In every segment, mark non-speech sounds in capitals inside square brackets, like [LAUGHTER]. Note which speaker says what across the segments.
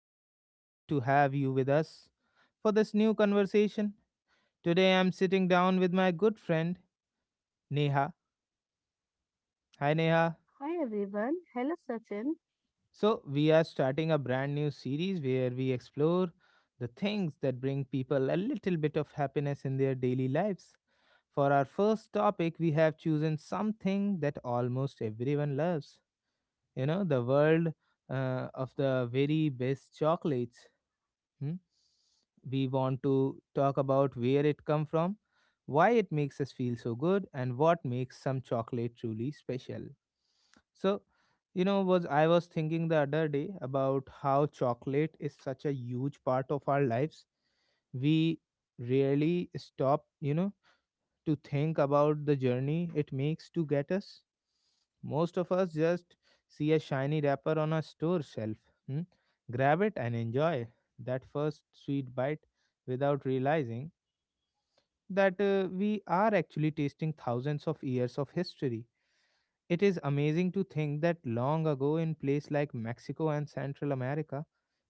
Speaker 1: am so happy to have you with us for this new conversation. Today I am sitting down with my good friend Neha. Hi Neha.
Speaker 2: Hi everyone. Hello Sachin.
Speaker 1: So, we are starting a brand new series where we explore the things that bring people a little bit of happiness in their daily lives. For our first topic, we have chosen something that almost everyone loves. You know, the world of the very best chocolates. Hmm? We want to talk about where it come from, why it makes us feel so good, and what makes some chocolate truly special. So, you know, was I was thinking the other day about how chocolate is such a huge part of our lives. We rarely stop, to think about the journey it makes to get us. Most of us just see a shiny wrapper on a store shelf, hmm, grab it, and enjoy that first sweet bite without realizing that we are actually tasting thousands of years of history. It is amazing to think that long ago, in places like Mexico and Central America,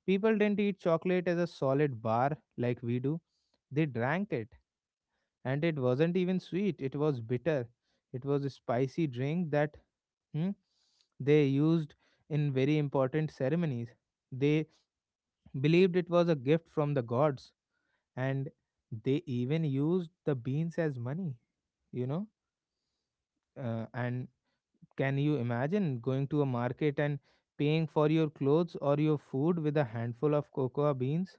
Speaker 1: people didn't eat chocolate as a solid bar like we do, they drank it, and it wasn't even sweet, it was bitter. It was a spicy drink that hmm, they used in very important ceremonies. They believed it was a gift from the gods, and they even used the beans as money you know and can you imagine going to a market and paying for your clothes or your food with a handful of cocoa beans?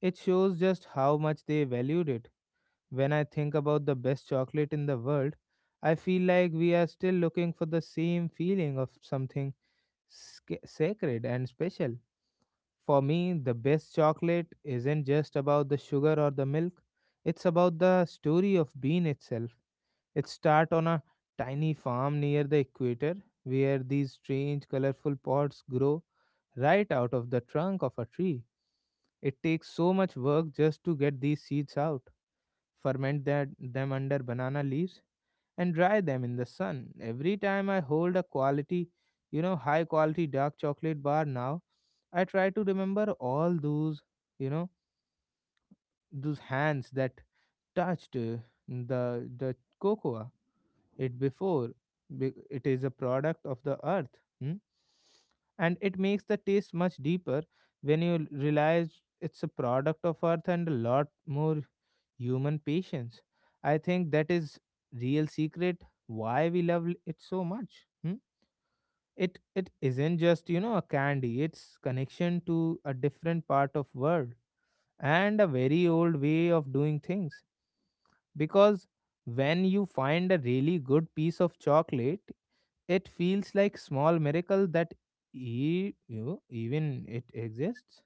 Speaker 1: It shows just how much they valued it. When I think about the best chocolate in the world, I feel like we are still looking for the same feeling of something sacred and special. For me, the best chocolate isn't just about the sugar or the milk, it's about the story of bean itself. It starts on a tiny farm near the equator where these strange colorful pods grow right out of the trunk of a tree. It takes so much work just to get these seeds out, ferment them under banana leaves, and dry them in the sun. Every time I hold a high quality dark chocolate bar now, I try to remember all you know, those hands that touched the cocoa it before. It is a product of the earth. Hmm? And it makes the taste much deeper when you realize it's a product of earth and a lot more human patience. I think that is real secret why we love it so much. Hmm? It isn't just a candy, it's connection to a different part of world and a very old way of doing things. Because when you find a really good piece of chocolate, it feels like small miracle that even it exists.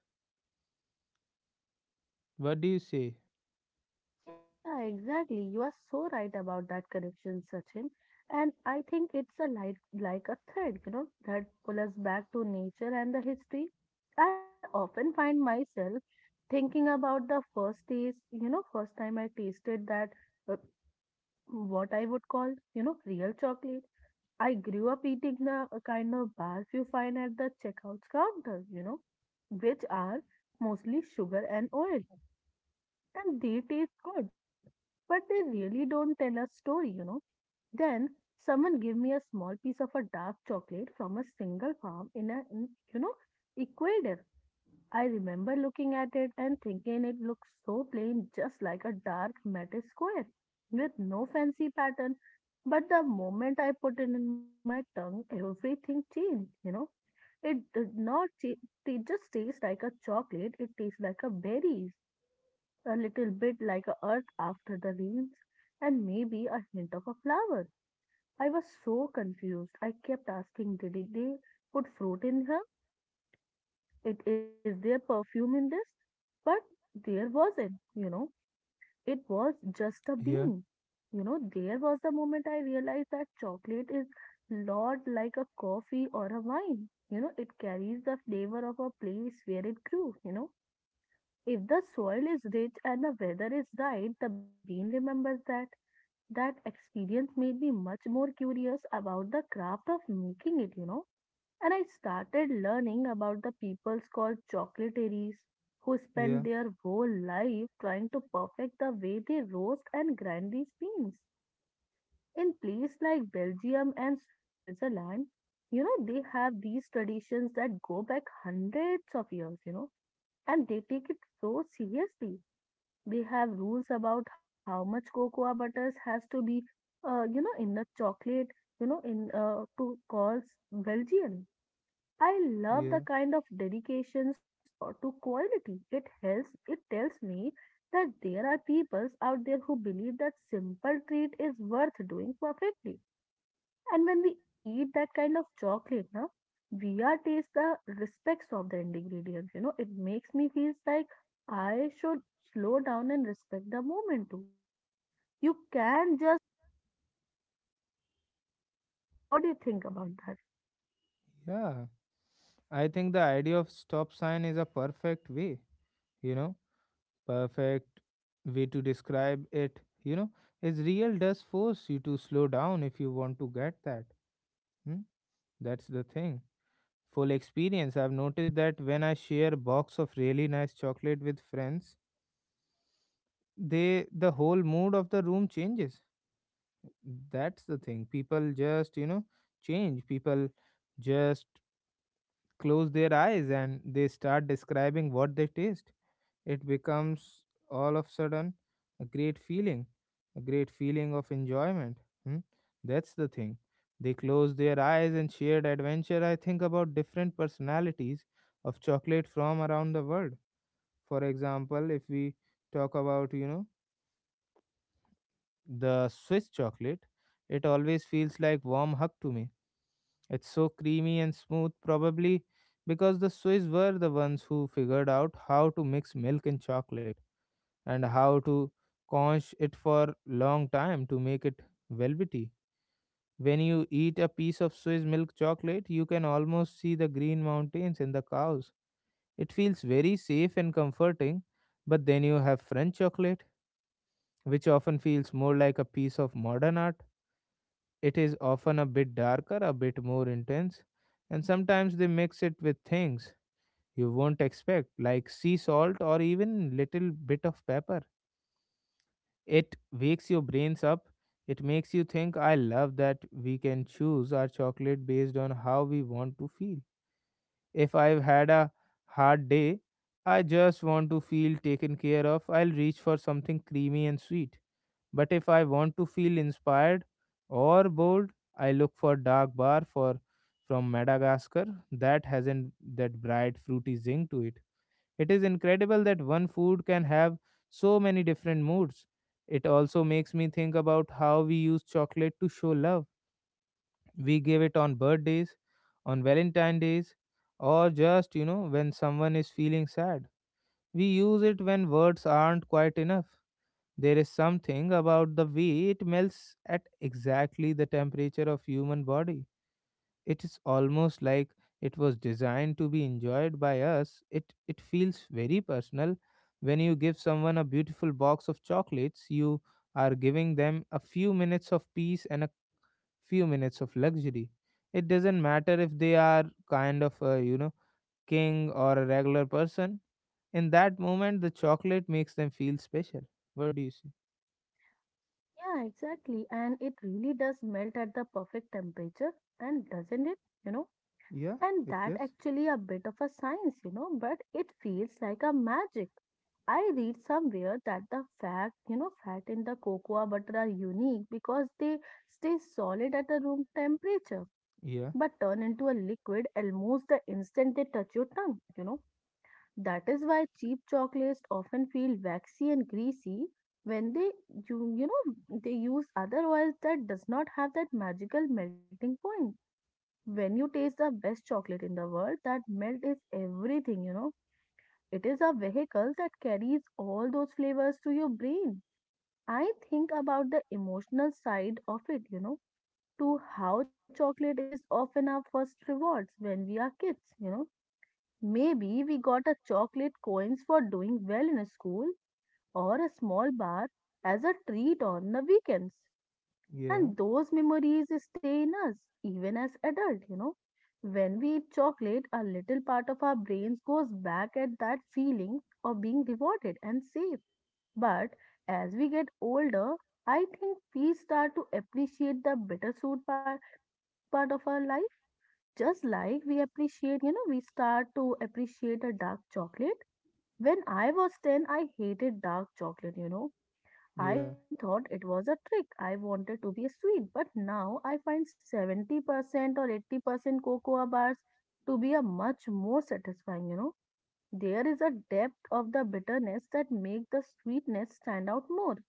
Speaker 1: What do you say?
Speaker 2: Yeah, exactly. You are so right about that connection, Sachin. And I think it's a light like a thread, that pulls us back to nature and the history. I often find myself thinking about the first taste, first time I tasted that uh, what I would call, real chocolate. I grew up eating the kind of bars you find at the checkout counter, which are mostly sugar and oil and they taste good, but they really don't tell a story. Then someone gave me a small piece of a dark chocolate from a single farm in a, in, you know, Ecuador. I remember looking at it and thinking it looks so plain, just like a dark matte square with no fancy pattern. But the moment I put it in my tongue, everything changed. It did not just taste like a chocolate, it tastes like a berries a little bit like a earth after the rains, and maybe a hint of a flower. I was so confused. I kept asking, they put fruit in her? It is there perfume in this? But there wasn't. It was just a
Speaker 1: Yeah,
Speaker 2: bean. There was the moment I realized that chocolate is lot like a coffee or a wine. It carries the flavor of a place where it grew. If the soil is rich and the weather is right, the bean remembers that. That experience made me much more curious about the craft of making it. And I started learning about the peoples called chocolateries who spend
Speaker 1: yeah,
Speaker 2: their whole life trying to perfect the way they roast and grind these beans. In places like Belgium and Switzerland, they have these traditions that go back hundreds of years, and they take it so seriously they have rules about how much cocoa butters has to be, in the chocolate, in to calls Belgian. I love the
Speaker 1: yeah.
Speaker 2: kind of dedications or to quality. It helps. It tells me that there are peoples out there who believe that simple treat is worth doing perfectly. And when we eat that kind of chocolate, na, we are taste the respects of the ingredient. It makes me feels like I should slow down and respect the moment too. You can just. What do you think about that?
Speaker 1: Yeah. I think the idea of stop sign is a perfect you know, perfect way to describe it, you know, it's real does force you to slow down if you want to get that. Hmm? That's the thing. Full experience. I've noticed that when I share a box of really nice chocolate with friends, the whole mood of the room changes. That's the thing. People just, you know, change. People just close their eyes and they start describing what they taste. It becomes all of a sudden a great feeling of enjoyment. Hmm? That's the thing. They close their eyes and shared adventure. I think about different personalities of chocolate from around the world. For example, if we talk about, you know, the Swiss chocolate, it always feels like warm hug to me. It's so creamy and smooth, probably because the Swiss were the ones who figured out how to mix milk and chocolate, and how to conch it for long time to make it velvety. When you eat a piece of Swiss milk chocolate, you can almost see the green mountains and the cows. It feels very safe and comforting, but then you have French chocolate, which often feels more like a piece of modern art. It is often a bit darker, a bit more intense, and sometimes they mix it with things you won't expect, like sea salt or even little bit of pepper. It wakes your brains up. It makes you think. I love that we can choose our chocolate based on how we want to feel. If I've had a hard day, I just want to feel taken care of. I'll reach for something creamy and sweet. But if I want to feel inspired or bold, I look for dark bar for from Madagascar that hasn't that bright fruity zing to it. It is incredible that one food can have so many different moods. It also makes me think about how we use chocolate to show love. We give it on birthdays, on Valentine days, or just, you know, when someone is feeling sad. We use it when words aren't quite enough. There is something about the way it melts at exactly the temperature of human body. It is almost like it was designed to be enjoyed by us. It feels very personal. When you give someone a beautiful box of chocolates, you are giving them a few minutes of peace and a few minutes of luxury. It doesn't matter if they are kind of a, you know, king or a regular person. In that moment, the chocolate makes them feel special. What do you say?
Speaker 2: Yeah, exactly. And it really does melt at the perfect temperature, and doesn't it? You know.
Speaker 1: Yeah,
Speaker 2: And
Speaker 1: it
Speaker 2: that
Speaker 1: is.
Speaker 2: actually a bit of a science, but it feels like a magic. I read somewhere that the fat, fat in the cocoa butter are unique because they stay solid at a room temperature,
Speaker 1: Yeah,
Speaker 2: but turn into a liquid almost the instant they touch your tongue. That is why cheap chocolates often feel waxy and greasy when they you you know they use other oils that does not have that magical melting point when you taste the best chocolate in the world, that melt is everything. It is a vehicle that carries all those flavors to your brain. I think about the emotional side of it, to how chocolate is often our first rewards when we are kids. Maybe we got a chocolate coins for doing well in a school or a small bar as a treat on the weekends.
Speaker 1: yeah,
Speaker 2: And those memories stay in us even as adult. When we eat chocolate, a little part of our brains goes back at that feeling of being rewarded and safe. But as we get older, I think we start to appreciate the bittersweet part of our life. Just like we appreciate, we start to appreciate a dark chocolate. When I was 10, I hated dark chocolate. I
Speaker 1: yeah,
Speaker 2: thought it was a trick. I wanted to be sweet, but now I find 70% or 80% cocoa bars to be a much more satisfying. There is a depth of the bitterness that make the sweetness stand out more.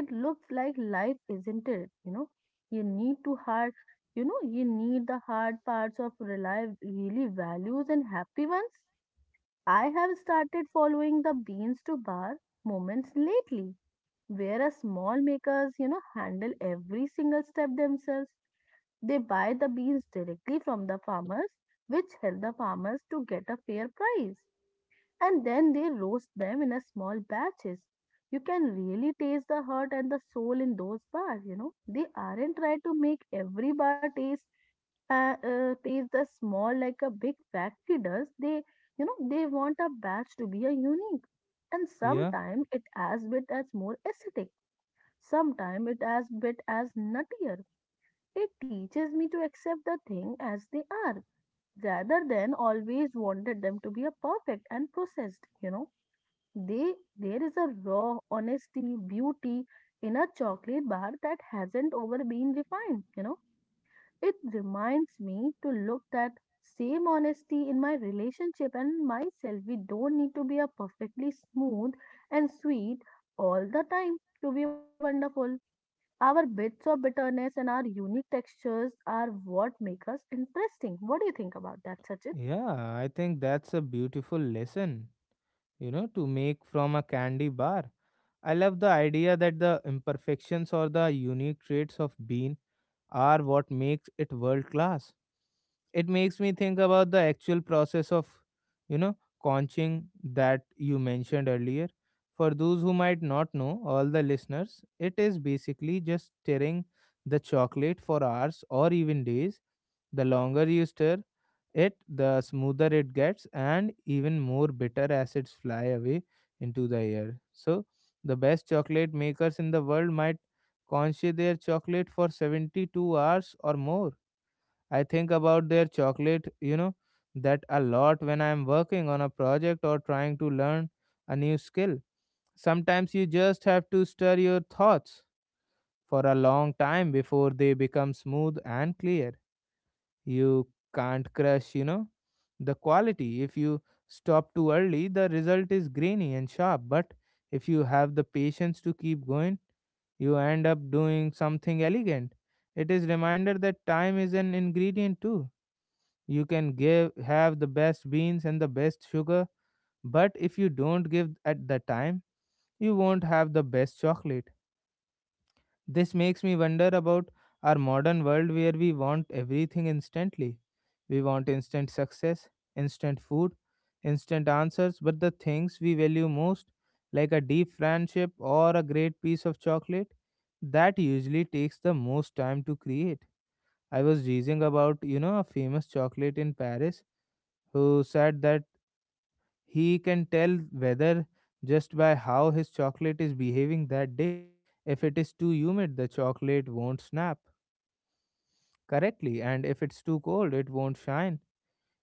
Speaker 2: It looks like life, isn't it? You need to hard, you need the hard parts of life really values and happy ones. I have started following the beans to bar moments lately whereas small makers, handle every single step themselves. They buy the beans directly from the farmers, which help the farmers to get a fair price. And then they roast them in a small batches. You can really taste the heart and the soul in those bars. They aren't trying to make every bar taste taste the small like a big factory does. They want a batch to be a unique and
Speaker 1: yeah,
Speaker 2: sometimes it as bit as more acidic. Sometimes it as bit as nuttier. It teaches me to accept the thing as they are, rather than always wanted them to be a perfect and processed. They there is a raw honesty, beauty in a chocolate bar that hasn't over been refined. It reminds me to look that same honesty in my relationship and myself. We don't need to be a perfectly smooth and sweet all the time to be wonderful. Our bits of bitterness and our unique textures are what make us interesting. What do you think about that, Sachin?
Speaker 1: yeah. I think that's a beautiful lesson, you know, to make from a candy bar. I love the idea that the imperfections or the unique traits of bean are what makes it world class. It makes me think about the actual process of, you know, conching that you mentioned earlier. For those who might not know, all the listeners, it is basically just stirring the chocolate for hours or even days. The longer you stir it, the smoother it gets, and even more bitter acids fly away into the air. So, the best chocolate makers in the world might congeal their chocolate for 72 hours or more. I think about their chocolate, you know, that a lot when I am working on a project or trying to learn a new skill. Sometimes you just have to stir your thoughts for a long time before they become smooth and clear. You can't crush, you know, the quality. If you stop too early, the result is grainy and sharp. But if you have the patience to keep going, you end up doing something elegant. It is reminder that time is an ingredient too. You can give have the best beans and the best sugar, but if you don't give at the time, you won't have the best chocolate. This makes me wonder about our modern world where we want everything instantly. We want instant success, instant food, instant answers, but the things we value most, like a deep friendship or a great piece of chocolate, that usually takes the most time to create. I was reading about, you know, a famous chocolate in Paris who said that he can tell whether just by how his chocolate is behaving that day. If it is too humid, the chocolate won't snap correctly, and if it's too cold, it won't shine.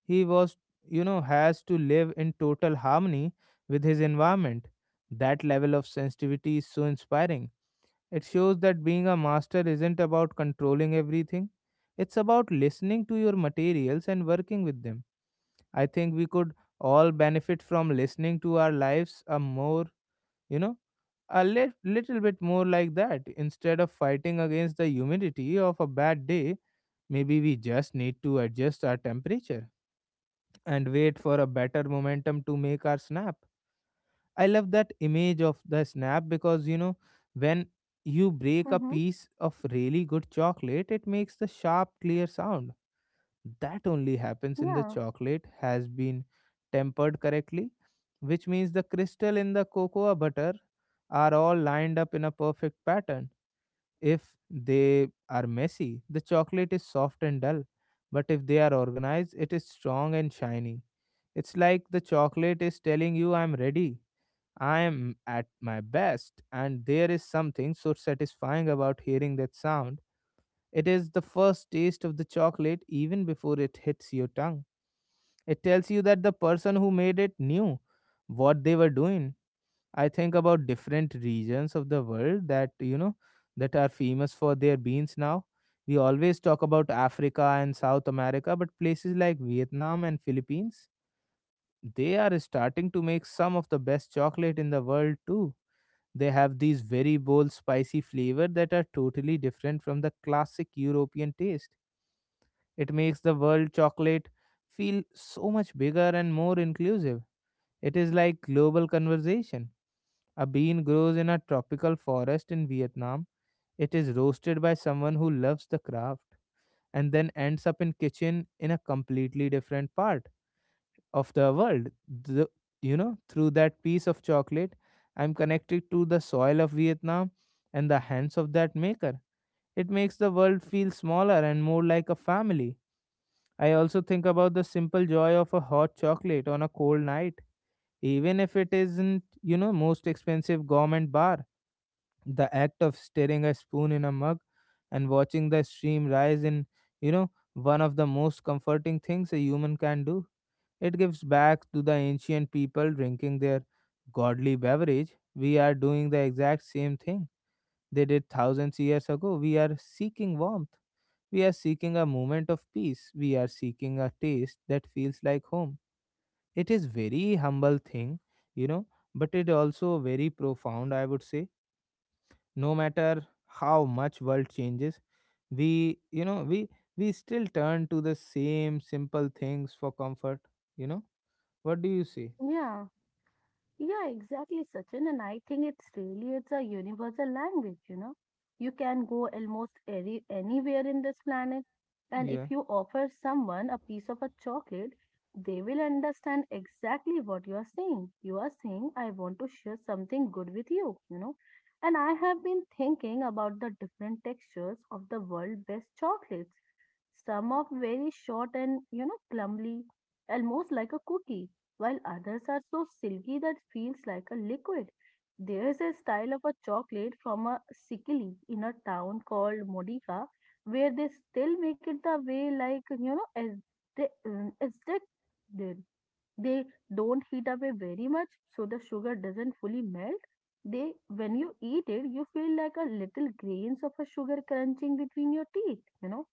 Speaker 1: He was, you know, has to live in total harmony with his environment. That level of sensitivity is so inspiring. It shows that being a master isn't about controlling everything, it's about listening to your materials and working with them. I think we could all benefit from listening to our lives a more, you know, a little bit more like that. Instead of fighting against the humidity of a bad day, maybe we just need to adjust our temperature and wait for a better momentum to make our snap. I love that image of the snap because, you know, when you break a
Speaker 2: Mm-hmm.
Speaker 1: piece of really good chocolate, it makes the sharp, clear sound that only happens in
Speaker 2: Yeah.
Speaker 1: the chocolate has been tempered correctly, which means the crystal in the cocoa butter are all lined up in a perfect pattern. If they are messy, the chocolate is soft and dull, but if they are organized, it is strong and shiny. It's like the chocolate is telling you, I'm ready, I am at my best, and there is something so satisfying about hearing that sound. It is the first taste of the chocolate even before it hits your tongue. It tells you that the person who made it knew what they were doing. I think about different regions of the world that, you know, that are famous for their beans now. We always talk about Africa and South America, but places like Vietnam and Philippines, they are starting to make some of the best chocolate in the world too. They have these very bold spicy flavor that are totally different from the classic European taste. It makes the world chocolate feel so much bigger and more inclusive. It is like global conversation. A bean grows in a tropical forest in Vietnam. It is roasted by someone who loves the craft and then ends up in kitchen in a completely different part of the world. The, through that piece of chocolate, I'm connected to the soil of Vietnam and the hands of that maker. It makes the world feel smaller and more like a family. I also think about the simple joy of a hot chocolate on a cold night, even if it isn't most expensive gourmet bar. The act of stirring a spoon in a mug and watching the stream rise in, one of the most comforting things a human can do. It gives back to the ancient people drinking their godly beverage. We are doing the exact same thing they did thousands years ago. We are seeking warmth. We are seeking a moment of peace. We are seeking a taste that feels like home. It is very humble thing, you know, but it also very profound, I would say. No matter how much world changes, we, you know, we still turn to the same simple things for comfort, you know. What do you say?
Speaker 2: Yeah. Yeah, exactly, Sachin. And I think it's really it's a universal language, you know. You can go almost anywhere in this planet, and if
Speaker 1: Yeah.
Speaker 2: you offer someone a piece of a chocolate, they will understand exactly what you are saying. You are saying, I want to share something good with you, you know. And I have been thinking about the different textures of the world best chocolates. Some are very short and, clumsy, almost like a cookie while others are so silky that feels like a liquid. There is a style of a chocolate from a Sicily in a town called Modica where they still make it the way like as they did. They don't heat up it very much so the sugar doesn't fully melt. They when you eat it you feel like a little grains of a sugar crunching between your teeth,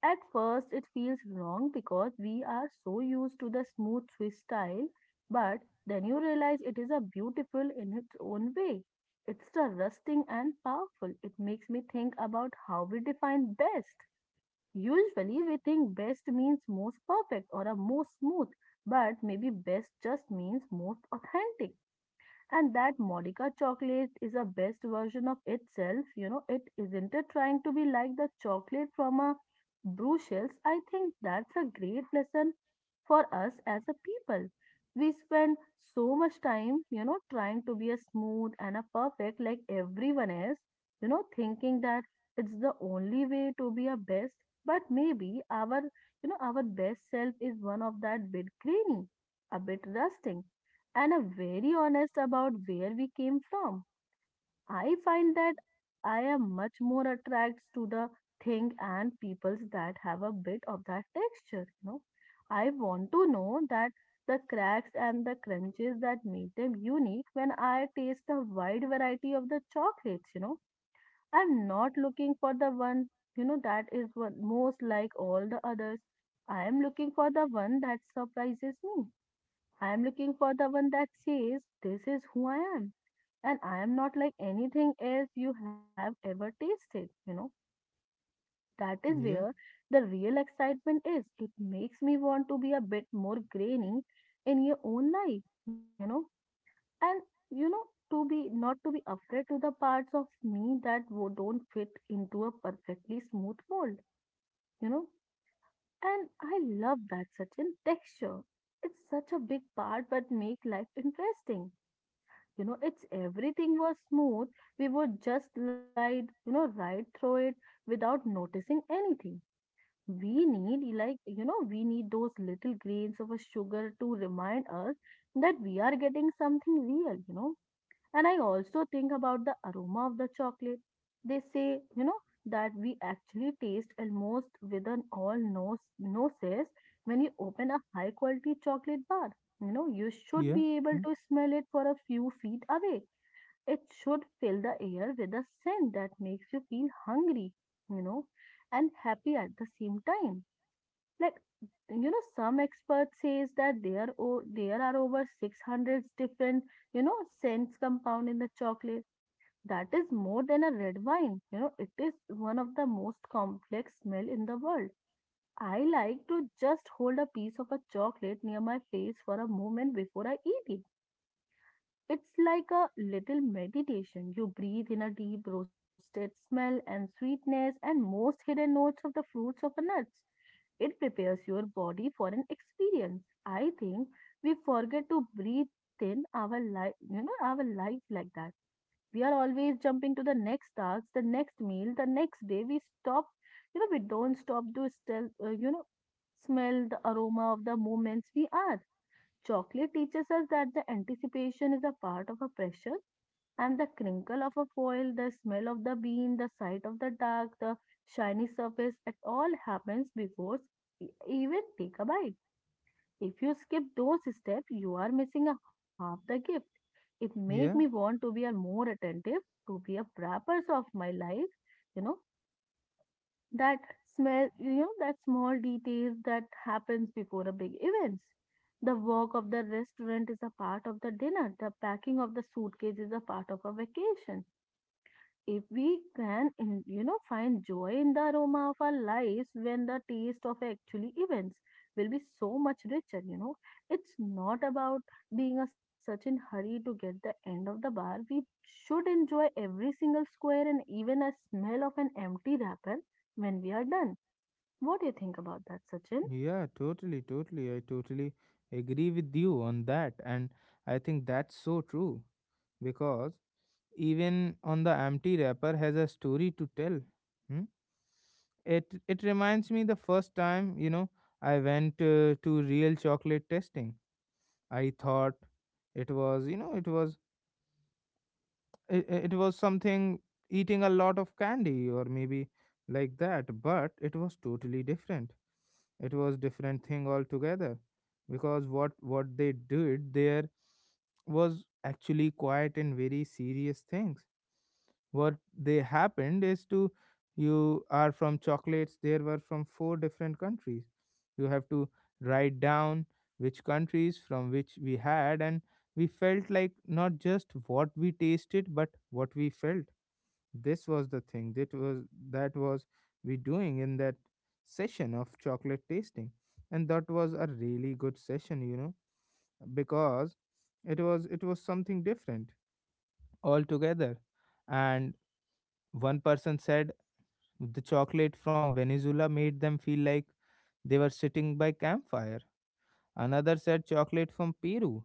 Speaker 2: at first, it feels wrong because we are so used to the smooth freestyle, but then you realize it is a beautiful in its own way. It's the rusting and powerful. It makes me think about how we define best. Usually, we think best means most perfect or a most smooth, but maybe best just means most authentic and that Monica chocolate is a best version of itself. You know, it isn't it trying to be like the chocolate from a Brussels. I think that's a great lesson for us as a people. We spend so much time, trying to be a smooth and a perfect like everyone else, thinking that it's the only way to be a best. But maybe our best self is one of that bit grainy, a bit rusting and are very honest about where we came from. I find that I am much more attracted to the thing and peoples that have a bit of that texture. I want to know that the cracks and the crunches that make them unique when I taste a wide variety of the chocolates. I'm not looking for the one, that is one most like all the others. I am looking for the one that surprises me. I am looking for the one that says, This is who I am, and I am not like anything else you have ever tasted. That is where
Speaker 1: Yeah.
Speaker 2: the real excitement is. It makes me want to be a bit more grainy in your own life, and you know, to be not to be afraid to the parts of me that don't fit into a perfectly smooth mold, you know. And I love that such in texture. It's such a big part but make life interesting. It's everything was smooth. We would just glide right through it without noticing anything. We need those little grains of a sugar to remind us that we are getting something real. And I also think about the aroma of the chocolate. They say you know that we actually taste almost with an all noses when you open a high quality chocolate bar. You should
Speaker 1: Yeah.
Speaker 2: be able
Speaker 1: Hmm?
Speaker 2: to smell it for a few feet away it Should fill the air with a scent that makes you feel hungry, you know, and happy at the same time. Like, some experts says that there are over 600 different, scents compound in the chocolate. That is more than a red wine. It is one of the most complex smell in the world. I like to just hold a piece of a chocolate near my face for a moment before I eat it. It's like a little meditation. You breathe in a deep roasted smell and sweetness and most hidden notes of the fruits of the nuts. It prepares your body for an experience. I think we forget to breathe in our life, our life like that. We are always jumping to the next task, the next meal, the next day. We stop, we don't stop to still, smell the aroma of the moments we are. Chocolate teaches us that the anticipation is a part of a pressure, and the crinkle of a foil, the smell of the bean, the sight of the duck, the shiny surface, it all happens before even take a bite. If you skip those steps, you are missing a half the gift. It make me
Speaker 1: Yeah.
Speaker 2: want to be a more attentive, to be a wrappers of my life, you know, that smell, that small details that happens before a big events. The work of the restaurant is a part of the dinner. The packing of the suitcase is a part of a vacation. If we can in, find joy in the aroma of our lives when the taste of actually events will be so much richer. It's not about being a such in hurry to get the end of the bar. We should enjoy every single square and even a smell of an empty wrapper when we are done. What do you think about that, Sachin?
Speaker 1: Yeah, totally, totally. I totally agree with you on that. And I think that's so true because even on the empty wrapper has a story to tell. Hmm? It reminds me the first time, I went to real chocolate testing. I thought it was, it was it, it was something eating a lot of candy or maybe like that, but it was totally different. It was different thing altogether because what they did there was actually quite and very serious things. What they happened is to you are from chocolates there were from four different countries. You have to write down which countries from which we had, and we felt like not just what we tasted, but what we felt. This was the thing that was we doing in that session of chocolate tasting, and that was a really good session, you know, because it was something different altogether. And one person said the chocolate from Venezuela made them feel like they were sitting by campfire. Another said chocolate from Peru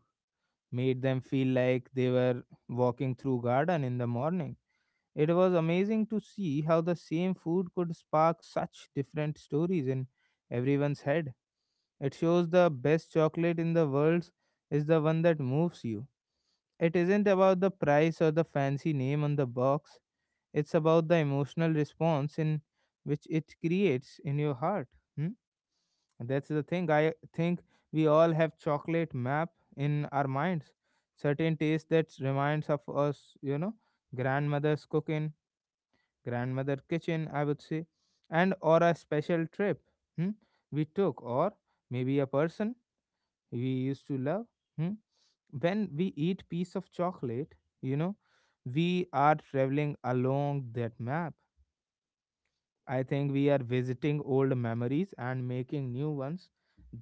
Speaker 1: made them feel like they were walking through garden in the morning. It was amazing to see how the same food could spark such different stories in everyone's head. It shows the best chocolate in the world is the one that moves you. It isn't about the price or the fancy name on the box. It's about the emotional response in which it creates in your heart. Hmm? That's the thing. I think we all have chocolate map in our minds. Certain taste that reminds of us, you know, grandmother's cooking, grandmother kitchen, I would say, and or a special trip, hmm, we took, or maybe a person we used to love. Hmm? When we eat piece of chocolate, you know, we are traveling along that map. I think we are visiting old memories and making new ones.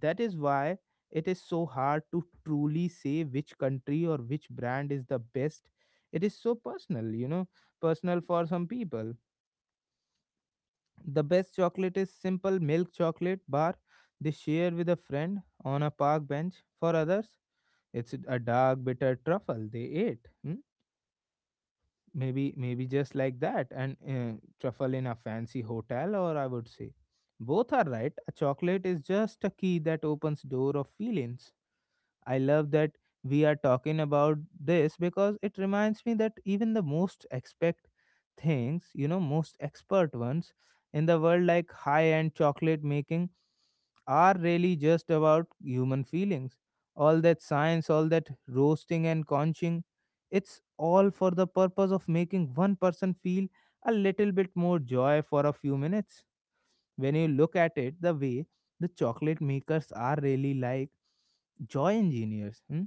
Speaker 1: That is why it is so hard to truly say which country or which brand is the best. It is so personal, you know, personal for some people. The best chocolate is simple milk chocolate bar they share with a friend on a park bench. For others, it's a dark, bitter truffle they ate. Hmm? Maybe just like that and truffle in a fancy hotel, or I would say both are right. A chocolate is just a key that opens door of feelings. I love that we are talking about this because it reminds me that even the most expect things, you know, most expert ones in the world, like high end chocolate making, are really just about human feelings. All that science, all that roasting and conching, it's all for the purpose of making one person feel a little bit more joy for a few minutes. When you look at it the way, the chocolate makers are really like joy engineers. Hmm?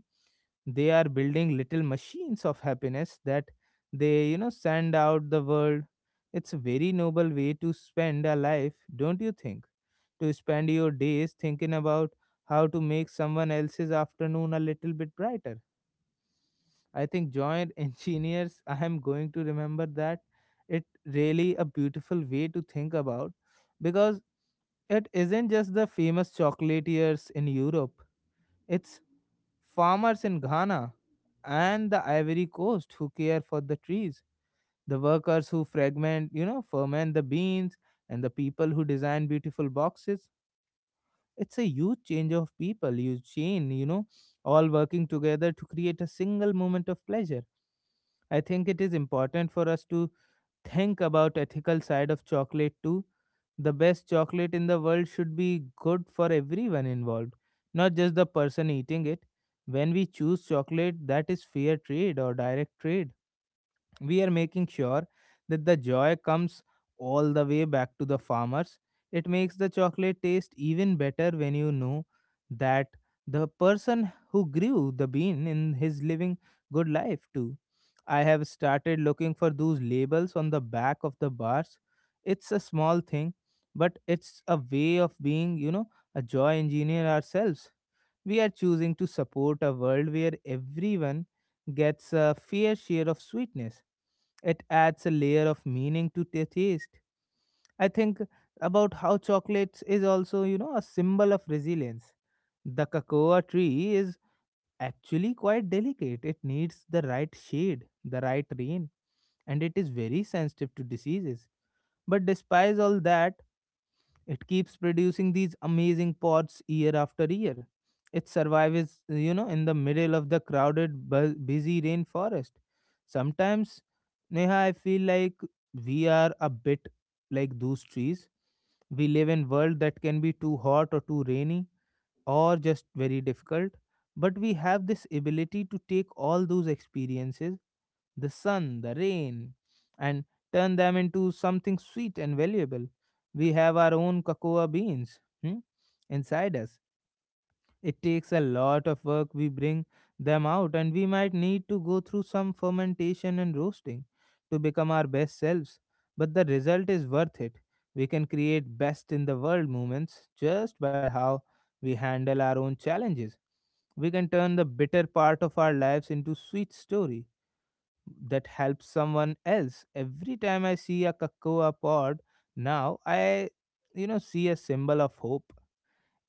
Speaker 1: They are building little machines of happiness that they send out the world. It's a very noble way to spend a life, don't you think, to spend your days thinking about how to make someone else's afternoon a little bit brighter. I think joint [LAUGHS] engineers, I am going to remember that. It really a beautiful way to think about because it isn't just the famous chocolatiers in Europe, it's farmers in Ghana and the Ivory Coast who care for the trees, the workers who ferment the beans, and the people who design beautiful boxes. It's a huge change of people, huge chain, you know, all working together to create a single moment of pleasure. I think it is important for us to think about ethical side of chocolate too. The best chocolate in the world should be good for everyone involved, not just the person eating it. When we choose chocolate that is fair trade or direct trade, we are making sure that the joy comes all the way back to the farmers. It makes the chocolate taste even better when you know that the person who grew the bean in his living good life too. I have started looking for those labels on the back of the bars. It's a small thing, but it's a way of being, you know, a joy engineer ourselves. We are choosing to support a world where everyone gets a fair share of sweetness. It adds a layer of meaning to the taste. I think about how chocolates is also, you know, a symbol of resilience. The cocoa tree is actually quite delicate. It needs the right shade, the right rain, and it is very sensitive to diseases. But despite all that, it keeps producing these amazing pods year after year. It survives, you know, in the middle of the crowded, busy rainforest. Sometimes, Neha, I feel like we are a bit like those trees. We live in world that can be too hot or too rainy or just very difficult. But we have this ability to take all those experiences, the sun, the rain, and turn them into something sweet and valuable. We have our own cocoa beans, hmm, inside us. It takes a lot of work. We bring them out, and we might need to go through some fermentation and roasting to become our best selves. But the result is worth it. We can create best in the world moments just by how we handle our own challenges. We can turn the bitter part of our lives into sweet story that helps someone else. Every time I see a cocoa pod, now I, you know, see a symbol of hope.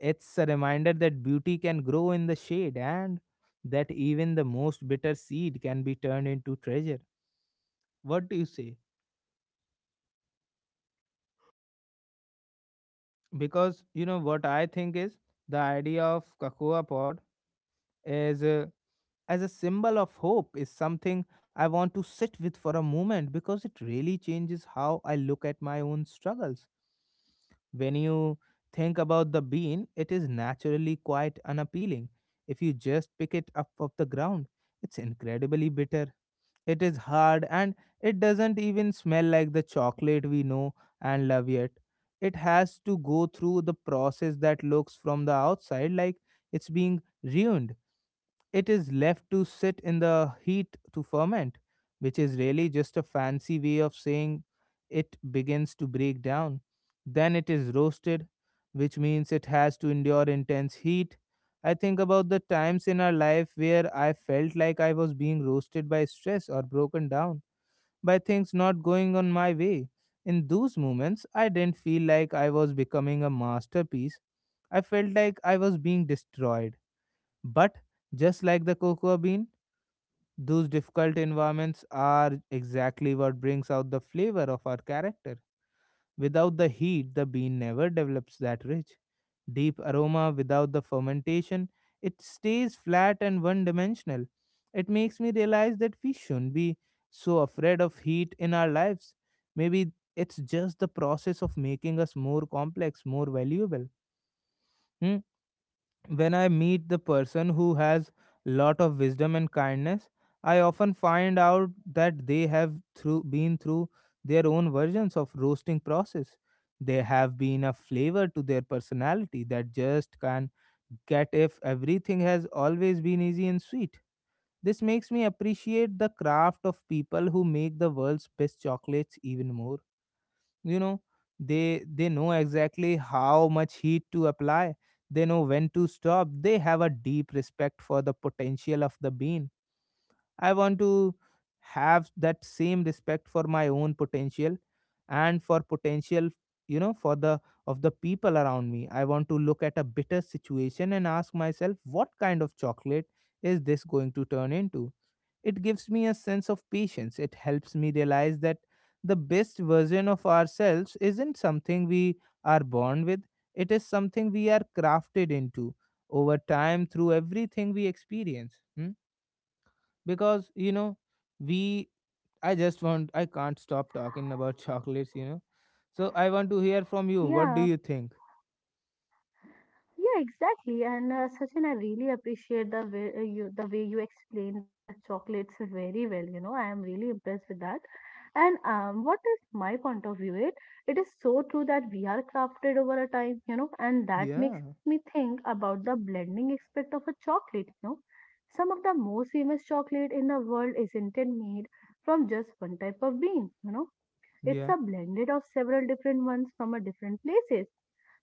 Speaker 1: It's a reminder that beauty can grow in the shade and that even the most bitter seed can be turned into treasure. What do you say? Because you know what I think is the idea of cocoa pod is, as a symbol of hope is something I want to sit with for a moment because it really changes how I look at my own struggles. When you think about the bean, it is naturally quite unappealing if you just pick it up off the ground. It's incredibly bitter. It is hard and it doesn't even smell like the chocolate we know and love yet. It has to go through the process that looks from the outside like it's being ruined. It is left to sit in the heat to ferment, which is really just a fancy way of saying it begins to break down. Then it is roasted, which means it has to endure intense heat. I think about the times in our life where I felt like I was being roasted by stress or broken down by things not going on my way. In those moments, I didn't feel like I was becoming a masterpiece. I felt like I was being destroyed, but just like the cocoa bean, those difficult environments are exactly what brings out the flavor of our character. Without the heat, the bean never develops that rich, deep aroma. Without the fermentation, it stays flat and one dimensional. It makes me realize that we shouldn't be so afraid of heat in our lives. Maybe it's just the process of making us more complex, more valuable. Hmm? When I meet the person who has lot of wisdom and kindness, I often find out that they have through been through their own versions of roasting process. They have been a flavor to their personality that just can get if everything has always been easy and sweet. This makes me appreciate the craft of people who make the world's best chocolates even more. You know they they know exactly how much heat to apply. They know when to stop. They have a deep respect for the potential of the bean. I want to have that same respect for my own potential and for potential you know for the of the people around me. I want to look at a bitter situation and ask myself what kind of chocolate is this going to turn into. It gives me a sense of patience. It helps me realize that the best version of ourselves isn't something we are born with, it is something we are crafted into over time through everything we experience. Hmm? Because, you know, we, I just want, I can't stop talking about [LAUGHS] chocolates. So I want to hear from you.
Speaker 2: Yeah,
Speaker 1: What do you think?
Speaker 2: yeah, exactly. And Sachin, I really appreciate the way you the way you explained the chocolates very well. I am really impressed with that. And what is my point of view? It is so true that we are crafted over a time. And that makes
Speaker 1: Yeah,
Speaker 2: me think about the blending aspect of a chocolate. Some of the most famous chocolate in the world isn't it made from just one type of bean. You know,
Speaker 1: yeah,
Speaker 2: it's a blended of several different ones from a different places.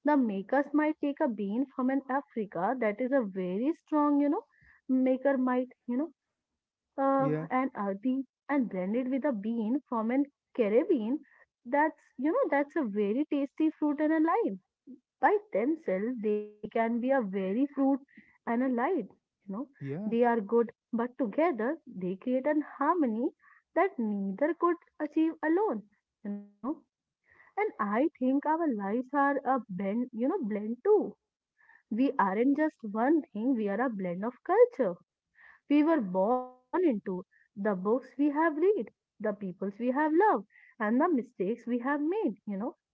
Speaker 2: The makers might take a bean from an Africa that is a very strong, maker might, an
Speaker 1: yeah,
Speaker 2: earthy and blend it with a bean from an Caribbean that's a very tasty fruit and a lime. By themselves they can be a very fruit and a light you know they
Speaker 1: yeah,
Speaker 2: are good, but together they create an harmony that neither could achieve alone you know and I think our lives are a blend, blend too. We aren't just one thing, we are a blend of culture. We were born into the books we have read, the peoples we have loved, and the mistakes we have made.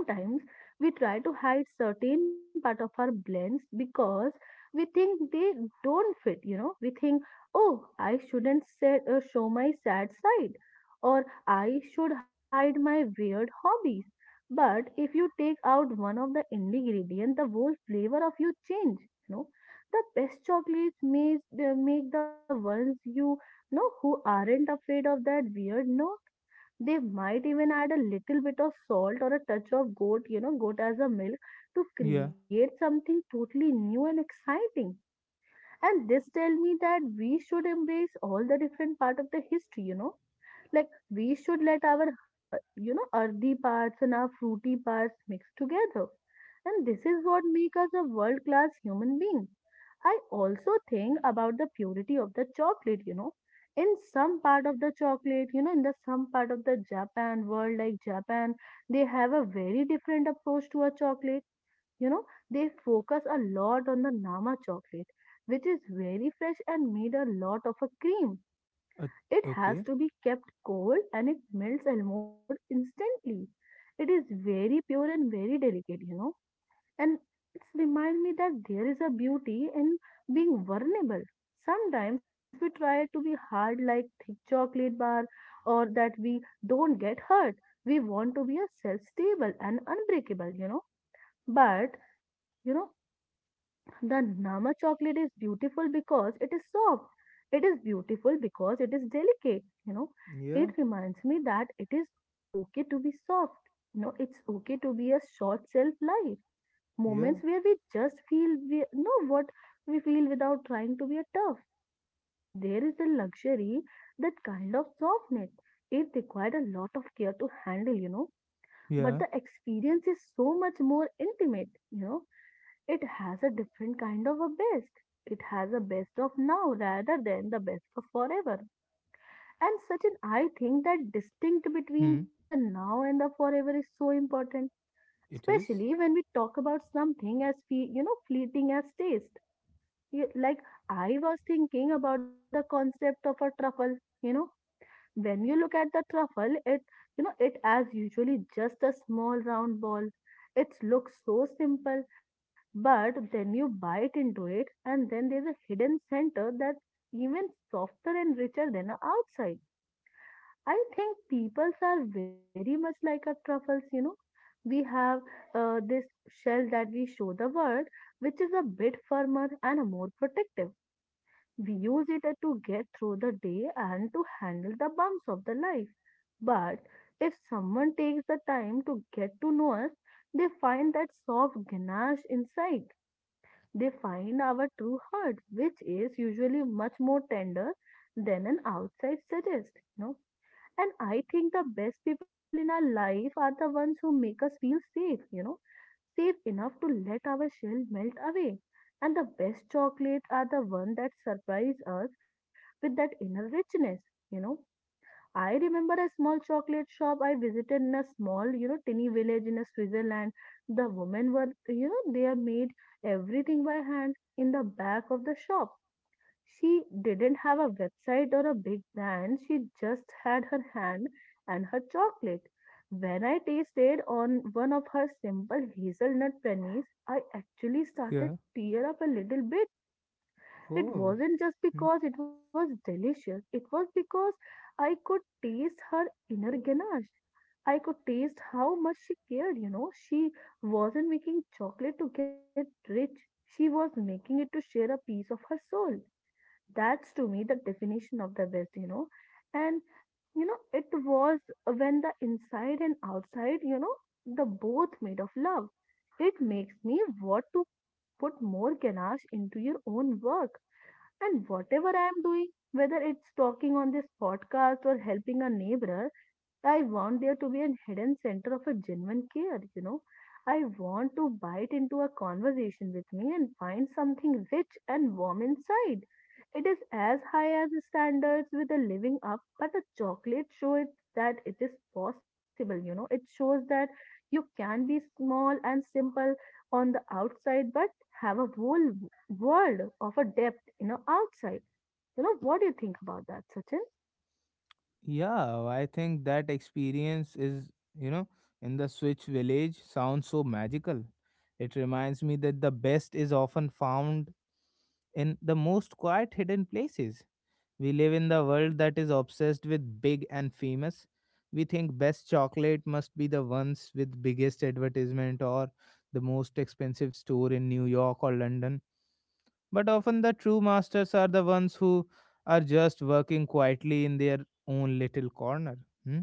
Speaker 2: Sometimes we try to hide certain part of our blends because we think they don't fit. We think, oh, I shouldn't show my sad side, or I should hide my weird hobbies. But if you take out one of the ingredients, the whole flavor of you change, you know. The best chocolates may make the ones who aren't afraid of that weird No. They might even add a little bit of salt or a touch of goat as a milk to
Speaker 1: yeah.
Speaker 2: create something totally new and exciting. And this tell me that we should embrace all the different part of the history. Like we should let our earthy parts and our fruity parts mix together. And this is what make us a world-class human being. I also think about the purity of the chocolate. In some part of the chocolate, in the some part of the Japan world, like Japan, they have a very different approach to a chocolate. You know, they focus a lot on the Nama chocolate, which is very fresh and made a lot of a cream.
Speaker 1: Uh,
Speaker 2: It has
Speaker 1: okay.
Speaker 2: to be kept cold and it melts almost instantly. It is very pure and very delicate, and it's remind me that there is a beauty in being vulnerable. Sometimes we try to be hard like thick chocolate bar or that we don't get hurt. We want to be a self-stable and unbreakable. But you know, the Nama chocolate is beautiful because it is soft. It is beautiful because it is delicate.
Speaker 1: Yeah,
Speaker 2: It reminds me that it is okay to be soft. It's okay to be a short self life moments
Speaker 1: yeah,
Speaker 2: where we just feel we know what we feel without trying to be a tough. There is a luxury that kind of softness. It required a lot of care to handle, but the
Speaker 1: yeah.
Speaker 2: experience is so much more intimate. It has a different kind of a best. It has a best of now rather than the best of forever. And such an I think that distinct between
Speaker 1: Hmm.
Speaker 2: the now and the forever is so important,
Speaker 1: It
Speaker 2: especially
Speaker 1: is.
Speaker 2: when we talk about something as fleeting as taste. Like I was thinking about the concept of a truffle. You know when you look at the truffle, it you know it as usually just a small round ball. It looks so simple, but then you bite into it, and then there's a hidden center that's even softer and richer than the outside. I think peoples are very much like our truffles, you know. We have this shell that we show the world, which is a bit firmer and more protective. We use it to get through the day and to handle the bumps of the life. But if someone takes the time to get to know us, they find that soft ganache inside. They find our true heart, which is usually much more tender than an outside suggests. And I think the best people in our life are the ones who make us feel safe enough to let our shell melt away. And the best chocolates are the ones that surprise us with that inner richness, you know. I remember a small chocolate shop I visited in a small, tiny village in a Switzerland. The women were, they are made everything by hand in the back of the shop. She didn't have a website or a big brand. She just had her hand and her chocolate. When I tasted on one of her simple hazelnut pennies, I actually started
Speaker 1: Yeah.
Speaker 2: tear up a little bit. It
Speaker 1: Oh,
Speaker 2: wasn't just
Speaker 1: hmm.
Speaker 2: because it was delicious. It was because I could taste her inner ganache. I could taste how much she cared. She wasn't making chocolate to get rich. She was making it to share a piece of her soul. That's to me the definition of the best. You know and you know it was when the inside and outside, the both made of love. It makes me want to put more ganache into your own work and whatever I am doing, whether it's talking on this podcast or helping a neighbor. I want there to be a hidden center of a genuine care. I want to bite into a conversation with me and find something rich and warm inside. It is as high as the standards with a living up, but the chocolate shows that it is possible. It shows that you can be small and simple on the outside, but have a whole world of a depth, outside. What do you think about that, Sachin?
Speaker 1: Yeah. I think that experience is, you know, in the Switch village sounds so magical. It reminds me that the best is often found in the most quiet, hidden places. We live in the world that is obsessed with big and famous. We think best chocolate must be the ones with biggest advertisement or the most expensive store in New York or London. But often the true masters are the ones who are just working quietly in their own little corner hmm,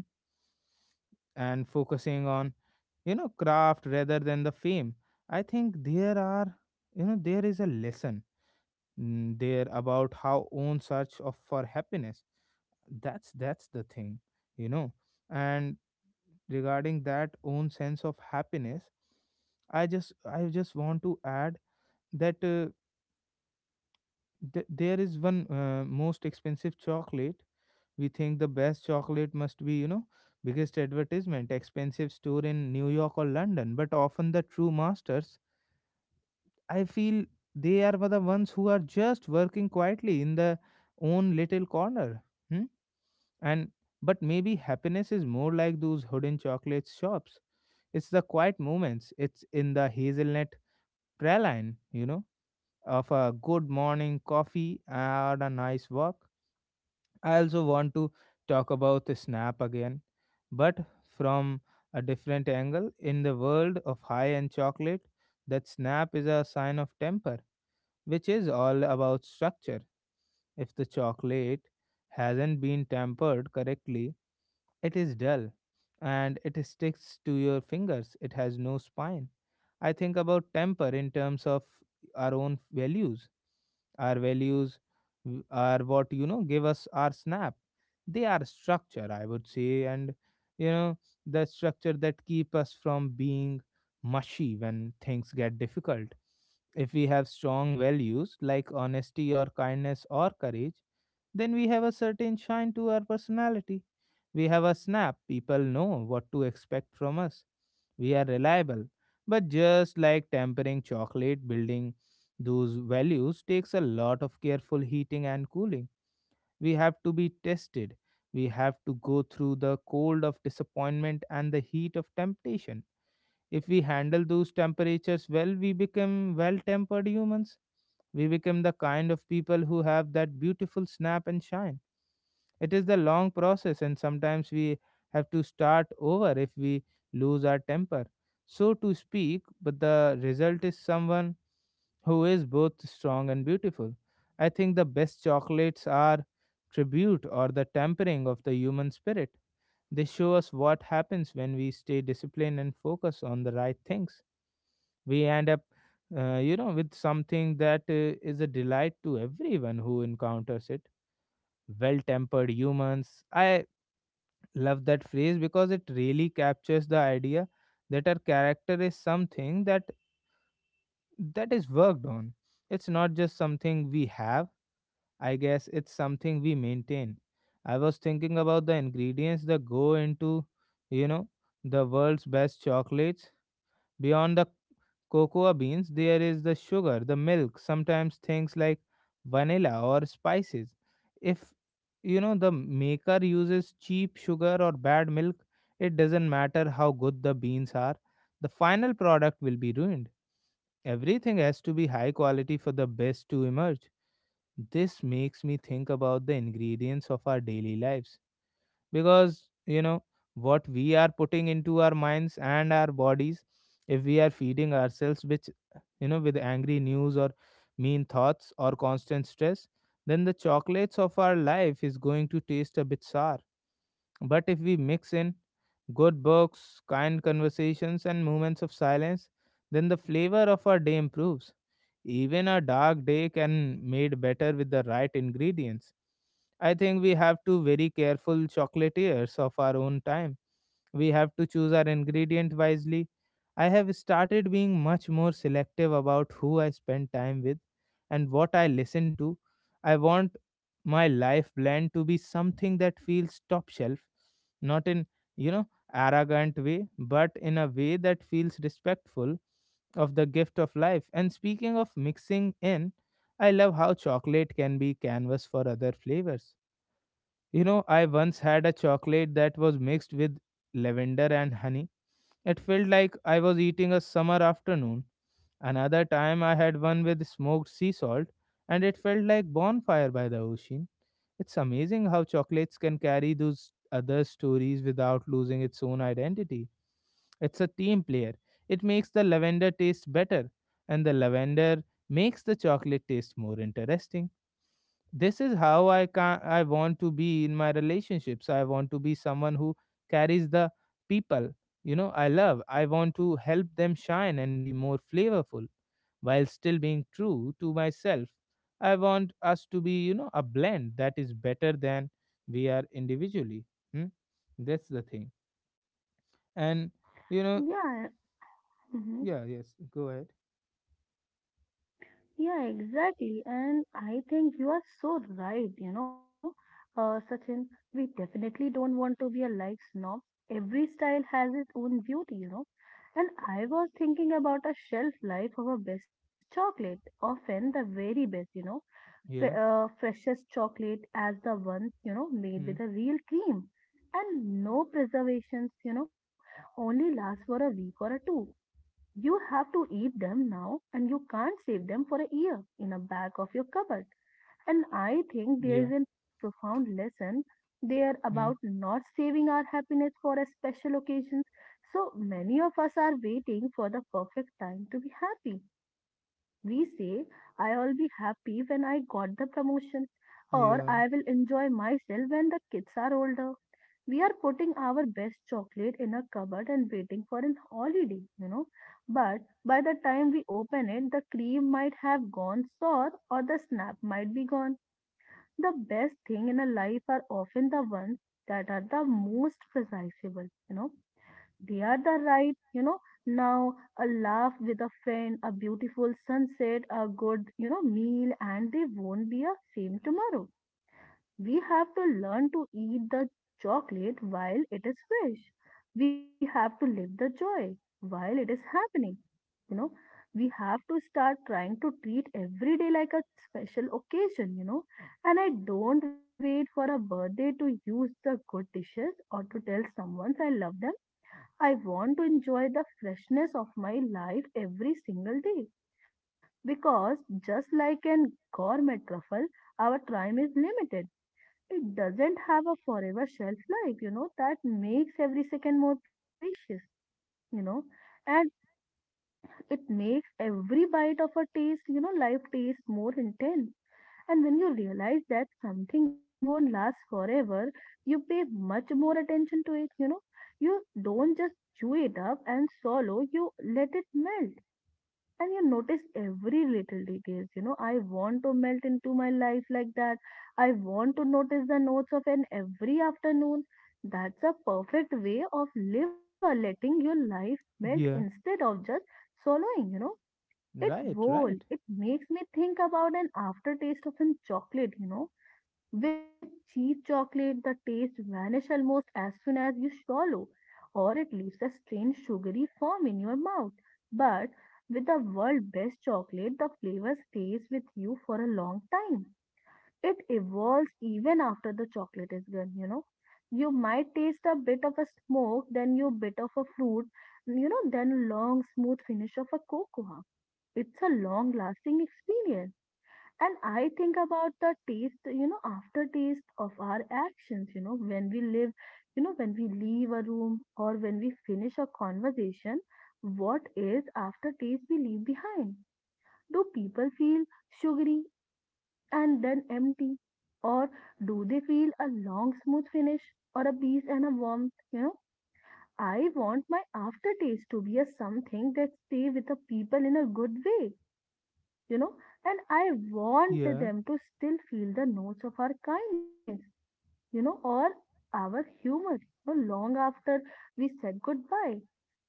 Speaker 1: and focusing on craft rather than the fame. I think there are, you know, there is a lesson there about how own search of for happiness. That's the thing, you know. And regarding that own sense of happiness, I just want to add that. There is one most expensive chocolate. We think the best chocolate must be biggest advertisement expensive store in New York or London, but often the true masters I feel they are the ones who are just working quietly in their own little corner. Hmm? And but maybe happiness is more like those hidden chocolate shops. It's the quiet moments, it's in the hazelnut praline of a good morning coffee or a nice walk. I also want to talk about the Snap again, but from a different angle. In the world of high end chocolate, that Snap is a sign of temper, which is all about structure. If the chocolate hasn't been tempered correctly, it is dull and it sticks to your fingers. It has no spine. I think about temper in terms of our own values. Our values are what give us our snap. They are structure, I would say, and, you know, the structure that keep us from being mushy when things get difficult. If we have strong values like honesty or kindness or courage, then we have a certain shine to our personality. We have a snap. People know what to expect from us. We are reliable. But just like tempering chocolate, building those values takes a lot of careful heating and cooling. We have to be tested. We have to go through the cold of disappointment and the heat of temptation. If we handle those temperatures well, we become well tempered humans. We become the kind of people who have that beautiful snap and shine. It is the long process, and sometimes we have to start over if we lose our temper, so to speak. But the result is someone who is both strong and beautiful. I think the best chocolates are tribute or the tempering of the human spirit. They show us what happens when we stay disciplined and focus on the right things. We end up with something that is a delight to everyone who encounters it. Well tempered humans. I love that phrase because it really captures the idea that our character is something that is worked on. It's not just something we have, I guess it's something we maintain. I was thinking about the ingredients that go into, you know, the world's best chocolates. Beyond the cocoa beans, there is the sugar, the milk, sometimes things like vanilla or spices. If you know the maker uses cheap sugar or bad milk, it doesn't matter how good the beans are, the final product will be ruined. Everything has to be high quality for the best to emerge. This makes me think about the ingredients of our daily lives, because what we are putting into our minds and our bodies, if we are feeding ourselves which you know with angry news or mean thoughts or constant stress, then the chocolates of our life is going to taste a bit sour. But if we mix in good books, kind conversations and moments of silence, then the flavor of our day improves. Even a dark day can made better with the right ingredients. I think we have to very careful chocolatiers of our own time. We have to choose our ingredient wisely. I have started being much more selective about who I spend time with and what I listen to. I want my life blend to be something that feels top shelf, not in, you know, arrogant way, but in a way that feels respectful of the gift of life. And speaking of mixing in, I love how chocolate can be canvas for other flavors. I once had a chocolate that was mixed with lavender and honey. It felt like I was eating a summer afternoon. Another time I had one with smoked sea salt and it felt like bonfire by the ocean. It's amazing how chocolates can carry those other stories without losing its own identity. It's a team player. It makes the lavender taste better and the lavender makes the chocolate taste more interesting. This is how I want to be in my relationships. I want to be someone who carries the people I love. I want to help them shine and be more flavorful while still being true to myself. I want us to be a blend that is better than we are individually. Hmm? That's the thing. And, you know,
Speaker 2: Yeah. Mhm.
Speaker 1: yeah, yes, go ahead.
Speaker 2: Yeah, exactly. And I think you are so right, Sachin. We definitely don't want to be a life snob. Every style has its own beauty. And I was thinking about a shelf life of a best chocolate, often the very best,
Speaker 1: Yeah.
Speaker 2: freshest chocolate as the ones, made with
Speaker 1: Hmm.
Speaker 2: a real cream. And no preservations, only last for a week or a two. You have to eat them now, and you can't save them for a year in a back of your cupboard. And I think there
Speaker 1: Yeah.
Speaker 2: is a profound lesson there about
Speaker 1: Hmm.
Speaker 2: not saving our happiness for a special occasion. So many of us are waiting for the perfect time to be happy. We say, I'll be happy when I got the promotion, or I
Speaker 1: Yeah.
Speaker 2: will enjoy myself when the kids are older we are putting our best chocolate in a cupboard and waiting for an holiday. But by the time we open it, the cream might have gone sour or the snap might be gone. The best thing in a life are often the ones that are the most precisable. They are the right, now a laugh with a friend, a beautiful sunset, a good, meal, and they won't be a same tomorrow we have to learn to eat the chocolate while it is fresh. We have to live the joy while it is happening. You know, we have to start trying to treat every day like a special occasion. And I don't wait for a birthday to use the good dishes or to tell someone I love them. I want to enjoy the freshness of my life every single day because just like an gourmet truffle, our time is limited it doesn't have a forever shelf life, that makes every second more precious, you know, and it makes every bite of a taste, life taste more intense. And when you realize that something won't last forever, you pay much more attention to it, you know. You don't just chew it up and swallow, you let it melt and you notice every little details. I want to melt into my life like that I want to notice the notes of an every afternoon that's a perfect way of live or letting your life melt
Speaker 1: Yeah.
Speaker 2: instead of just swallowing it
Speaker 1: Right,
Speaker 2: whole
Speaker 1: right.
Speaker 2: it makes me think about an aftertaste of an chocolate. With cheap chocolate, the taste vanishes almost as soon as you swallow, or it leaves a strange sugary foam in your mouth. But with the world best chocolate, the flavor stays with you for a long time. It evolves even after the chocolate is gone, you know. You might taste a bit of a smoke, then you bit of a fruit, then long smooth finish of a cocoa. It's a long lasting experience and I think about the taste, aftertaste of our actions, when we live, when we leave a room or when we finish a conversation, what is aftertaste we leave behind? Do people feel sugary and then empty? Or do they feel a long, smooth finish or a peace and a warmth? I want my aftertaste to be a something that stay with the people in a good way you know, and I want
Speaker 1: Yeah.
Speaker 2: them to still feel the notes of our kindness, or our humor, long after we said goodbye.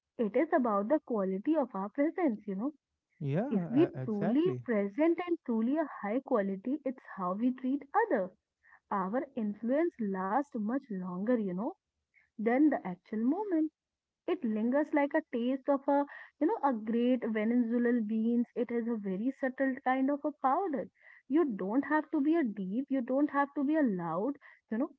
Speaker 2: It is about the quality of our presence. If
Speaker 1: Yeah,
Speaker 2: we
Speaker 1: e-
Speaker 2: truly
Speaker 1: exactly.
Speaker 2: present and truly a high quality, it's how we treat other. Our influence lasts much longer, than the actual moment. It lingers like a taste of a, a great Venezuelan beans. It is a very subtle kind of a powder. You don't have to be a deep, you don't have to be a loud, you know.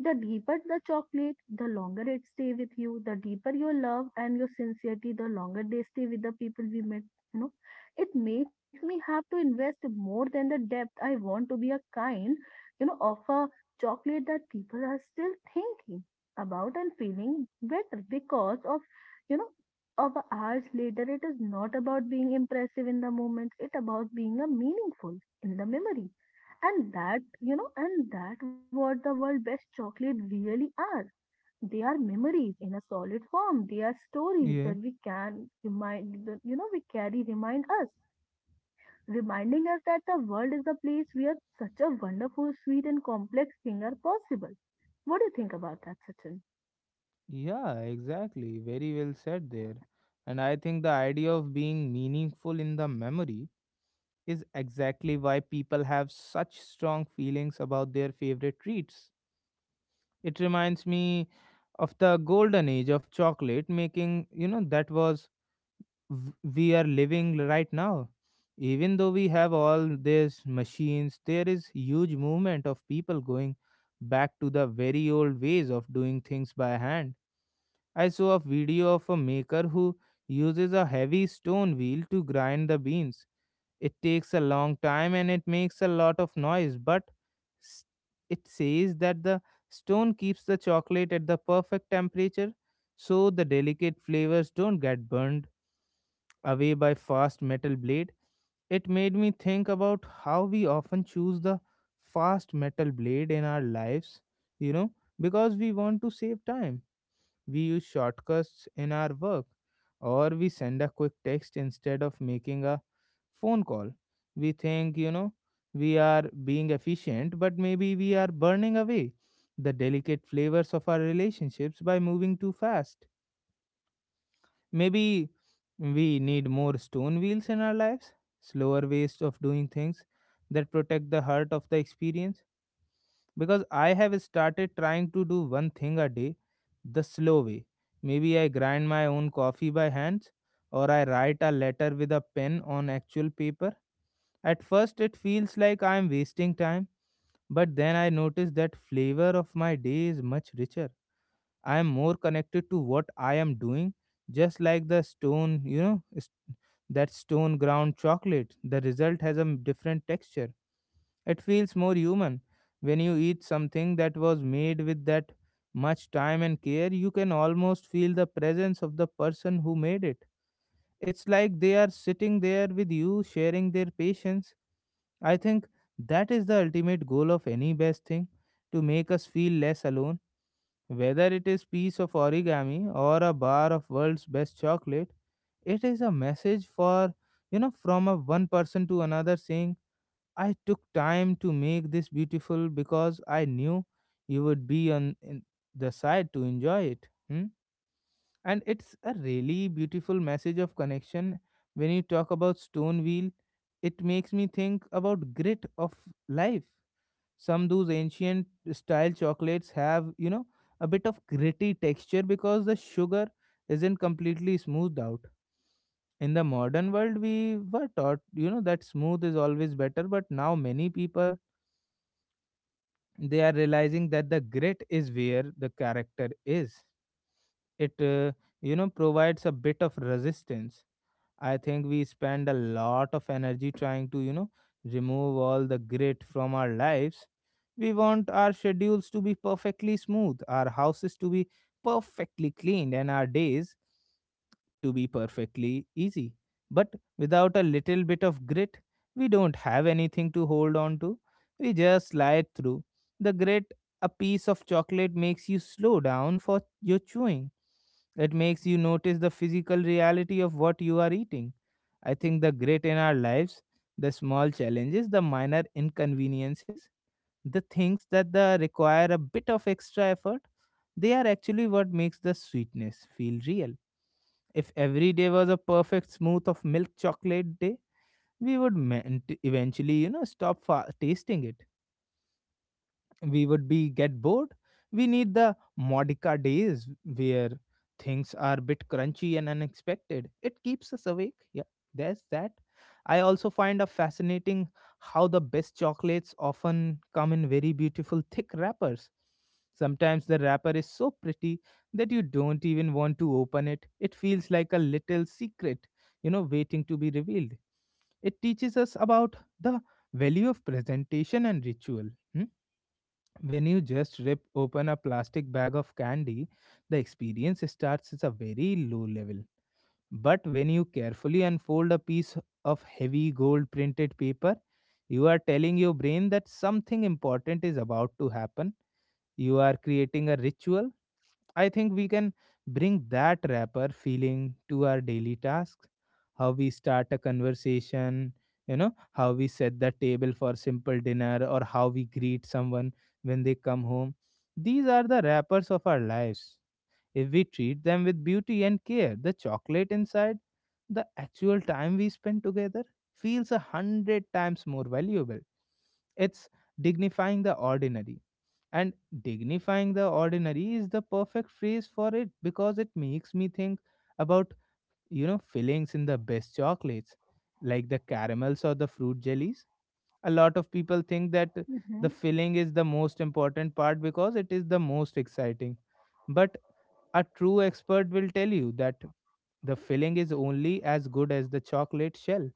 Speaker 2: The deeper the chocolate, the longer it stay with you. The deeper your love and your sincerity, the longer they stay with the people we met. You know, it makes me have to invest more than the depth. I want to be a kind, of a chocolate that people are still thinking about and feeling better because of you know of hours later it is not about being impressive in the moment it about being a meaningful in the memory and that you know and that what the world best chocolate really are they are memories in a solid form they are stories
Speaker 1: Yeah.
Speaker 2: that we can remind that, we carry remind us reminding us that the world is the place where such a wonderful sweet and complex thing are possible what do you think about that sachin
Speaker 1: Yeah, exactly. Very well said there. And I think the idea of being meaningful in the memory is exactly why people have such strong feelings about their favorite treats. It reminds me of the golden age of chocolate making, we are living right now. Even though we have all these machines, there is huge movement of people going back to the very old ways of doing things by hand. I saw a video of a maker who uses a heavy stone wheel to grind the beans. It takes a long time and it makes a lot of noise, but s- it says that the stone keeps the chocolate at the perfect temperature so the delicate flavors don't get burned away by fast metal blade. It made me think about how we often choose the fast metal blade in our lives, you know, because we want to save time. We use shortcuts in our work or we send a quick text instead of making a phone call. We think we are being efficient, but maybe we are burning away the delicate flavors of our relationships by moving too fast. Maybe we need more stone wheels in our lives, slower ways of doing things that protect the heart of the experience. Because I have started trying to do one thing a day the slow way. Maybe I grind my own coffee by hands, or I write a letter with a pen on actual paper. At first, it feels like I am wasting time, but then I notice that flavor of my day is much richer. I am more connected to what I am doing, just like the stone, that stone ground chocolate. The result has a different texture. It feels more human. When you eat something that was made with that much time and care, you can almost feel the presence of the person who made it. It's like they are sitting there with you, sharing their patience. I think that is the ultimate goal of any best thing, to make us feel less alone, whether it is piece of origami or a bar of world's best chocolate. It is a message for you know from a one person to another, saying I took time to make this beautiful because I knew you would be on in the side to enjoy it. Hmm? And it's a really beautiful message of connection. When you talk about stone wheel, it makes me think about grit of life. Some those ancient style chocolates have, you know, a bit of gritty texture because the sugar isn't completely smoothed out. In the modern world, we were taught, you know, that smooth is always better, but now many people, they are realizing that the grit is where the character is. It provides a bit of resistance. I think we spend a lot of energy trying to, remove all the grit from our lives. We want our schedules to be perfectly smooth, our houses to be perfectly cleaned, and our days to be perfectly easy. But without a little bit of grit, we don't have anything to hold on to. We just slide through. The grit, a piece of chocolate makes you slow down for your chewing. It makes you notice the physical reality of what you are eating. I think the great in our lives, the small challenges, the minor inconveniences, the things that the require a bit of extra effort, they are actually what makes the sweetness feel real. If every day was a perfect smooth of milk chocolate day, we would eventually, stop tasting it. We would be get bored. We need the modica days where things are a bit crunchy and unexpected. It keeps us awake. Yeah, there's that. I also find a fascinating how the best chocolates often come in very beautiful thick wrappers. Sometimes the wrapper is so pretty that you don't even want to open it. It feels like a little secret, you know, waiting to be revealed. It teaches us about the value of presentation and ritual. Hmm. When you just rip open a plastic bag of candy, the experience starts at a very low level. But when you carefully unfold a piece of heavy gold printed paper, you are telling your brain that something important is about to happen. You are creating a ritual. I think we can bring that wrapper feeling to our daily tasks. How we start a conversation, you know, how we set the table for simple dinner, or how we greet someone when they come home. These are the wrappers of our lives. If we treat them with beauty and care, the chocolate inside, the actual time we spend together feels 100 times more valuable. It's dignifying the ordinary. And dignifying the ordinary is the perfect phrase for it because it makes me think about, you know, fillings in the best chocolates, like the caramels or the fruit jellies. A lot of people think that the filling is the most important part because it is the most exciting. But a true expert will tell you that the filling is only as good as the chocolate shell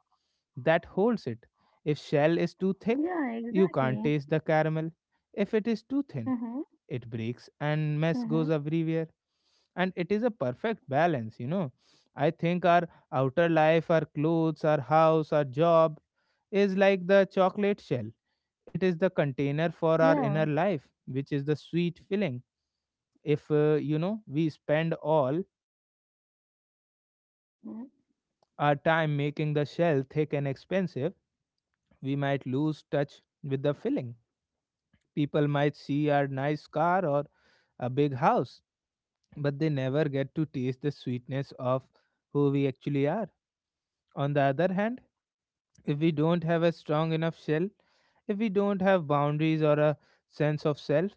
Speaker 1: that holds it. If shell is too thick,
Speaker 2: Yeah,
Speaker 1: you can't
Speaker 2: exactly.
Speaker 1: taste the caramel. If it is too thin,
Speaker 2: Mm-hmm.
Speaker 1: it breaks and mess goes
Speaker 2: Mm-hmm.
Speaker 1: everywhere, and it is a perfect balance, you know. I think our outer life, our clothes, our house, our job, is like the chocolate shell. It is the container for our inner
Speaker 2: Yeah.
Speaker 1: life, which is the sweet filling. If you know, we spend all
Speaker 2: Mhm.
Speaker 1: our time making the shell thick and expensive, we might lose touch with the filling. People might see our nice car or a big house, but they never get to taste the sweetness of who we actually are. On the other hand, if we don't have a strong enough shell, if we don't have boundaries or a sense of self,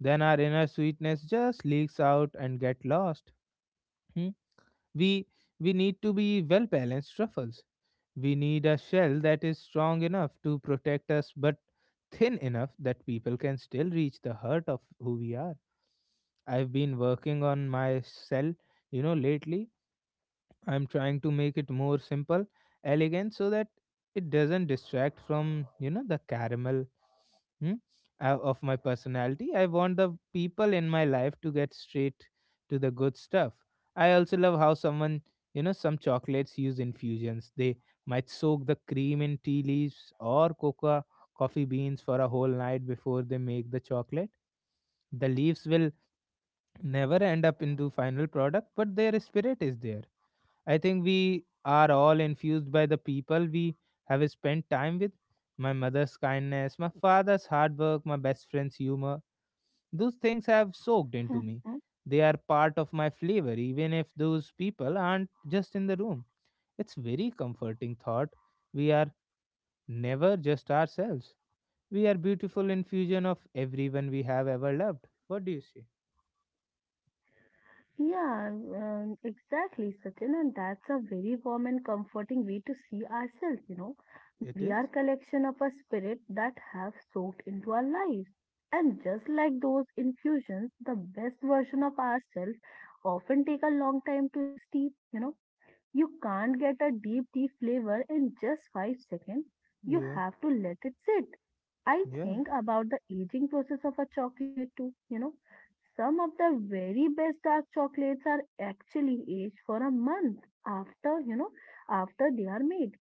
Speaker 1: then our inner sweetness just leaks out and get lost. Hmm? We we need to be well balanced truffles. We need a shell that is strong enough to protect us but thin enough that people can still reach the heart of who we are. I've been working on my shell, you know, lately. I'm trying to make it more simple, elegant, so that it doesn't distract from, you know, the caramel hmm, of my personality. I want the people in my life to get straight to the good stuff. I also love how someone, you know, some chocolates use infusions. They might soak the cream in tea leaves or cocoa coffee beans for a whole night before they make the chocolate. The leaves will never end up into final product, but their spirit is there. I think we are all infused by the people we have spent time with. My mother's kindness, my father's hard work, my best friend's humor. Those things have soaked into me.
Speaker 2: Mhm.
Speaker 1: They are part of my flavor, even if those people aren't just in the room. It's very comforting thought. We are never just ourselves. We are beautiful infusion of everyone we have ever loved. What do you say?
Speaker 2: Yeah, exactly, Sachin. And that's a very warm and comforting way to see ourselves.
Speaker 1: It
Speaker 2: We are
Speaker 1: is.
Speaker 2: collection of a spirit that have soaked into our lives. And just like those infusions, the best version of ourselves often take a long time to steep, you know. You can't get a deep tea flavor in just 5 seconds. You
Speaker 1: Yeah.
Speaker 2: have to let it sit. I
Speaker 1: Yeah.
Speaker 2: think about the aging process of a chocolate too. Some of the very best dark chocolates are actually aged for a month after, you know, after they are made.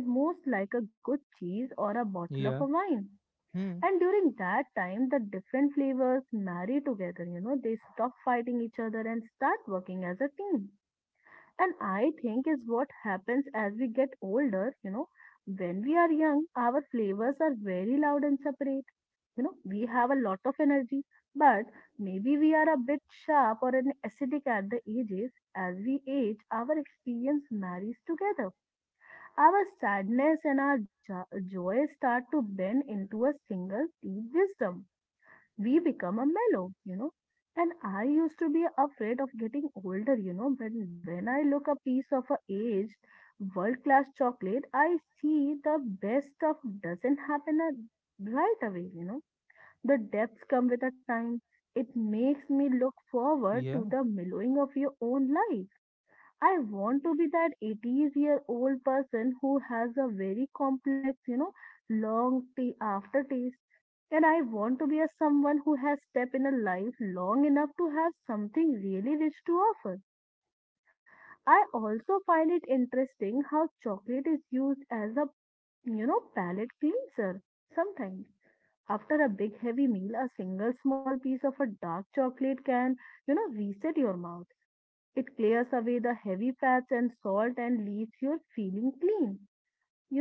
Speaker 2: And most like a good cheese or a bottle of
Speaker 1: Yeah.
Speaker 2: a wine.
Speaker 1: Hmm.
Speaker 2: And during that time, the different flavors marry together, they stop fighting each other and start working as a team. And I think is what happens as we get older. When we are young, our flavors are very loud and separate. We have a lot of energy, but maybe we are a bit sharp or an acidic at the edges. As we age, our experience marries together. Our sadness and our joy start to bend into a single deep wisdom we become a mellow. And I used to be afraid of getting older. When I look a piece of a aged world class chocolate, I see the best stuff doesn't happen at, right away. The depths come with a time. It makes me look forward to the
Speaker 1: Yeah.
Speaker 2: mellowing of your own life I want to be that 80 year old person who has a very complex, long tea aftertaste. And I want to be a someone who has stepped in a life long enough to have something really rich to offer. I also find it interesting how chocolate is used as a, palate cleanser sometimes. After a big heavy meal, a single small piece of a dark chocolate can, reset your mouth. It clears away the heavy fats and salt and leaves you feeling clean.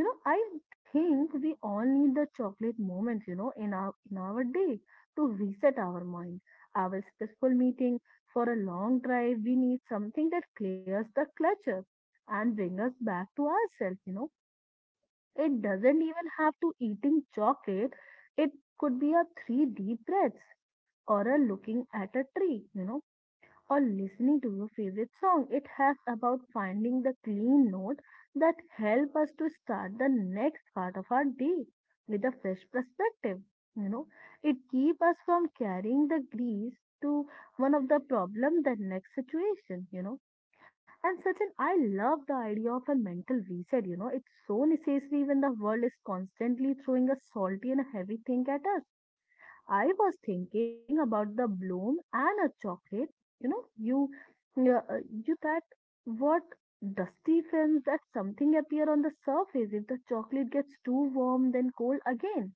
Speaker 2: I think we all need the chocolate moment, in our day to reset our mind. Our stressful meeting for a long drive, we need something that clears the clutter and bring us back to ourselves. It doesn't even have to eating chocolate. It could be a three deep breaths or a looking at a tree or listening to your favorite song. It has about finding the clean note that help us to start the next part of our day with a fresh perspective. You know, it keeps us from carrying the grease to one of the problem the next situation. And Sachin, I love the idea of a mental reset. It's so necessary when the world is constantly throwing a salty and heavy thing at us I was thinking about the bloom and a chocolate. You know, you, you, you that what dusty films that something appear on the surface. If the chocolate gets too warm, then cold again.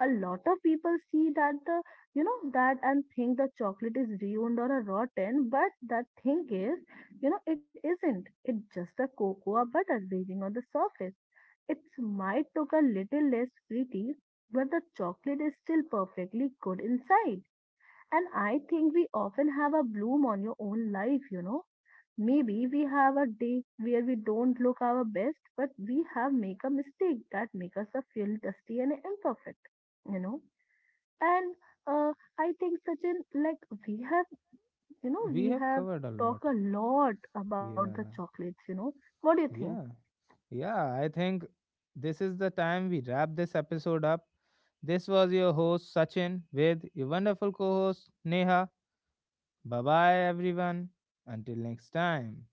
Speaker 2: A lot of people see that and think the chocolate is ruined or a rotten, but that thing is, it isn't. It's just a cocoa butter raising on the surface. It might look a little less pretty, but the chocolate is still perfectly good inside. And I think we often have a bloom on your own life. Maybe we have a day where we don't look our best, but we have make a mistake that make us feel dusty and imperfect, you know. And uh, I think Sachin, like we have, you know,
Speaker 1: We
Speaker 2: we
Speaker 1: have
Speaker 2: have
Speaker 1: covered a
Speaker 2: talked
Speaker 1: lot.
Speaker 2: a lot about the
Speaker 1: Yeah,
Speaker 2: chocolates. What do you think?
Speaker 1: yeah, yeah, I think this is the time we wrap this episode up. This was your host Sachin with your wonderful co host Neha. Bye bye, everyone. Until next time.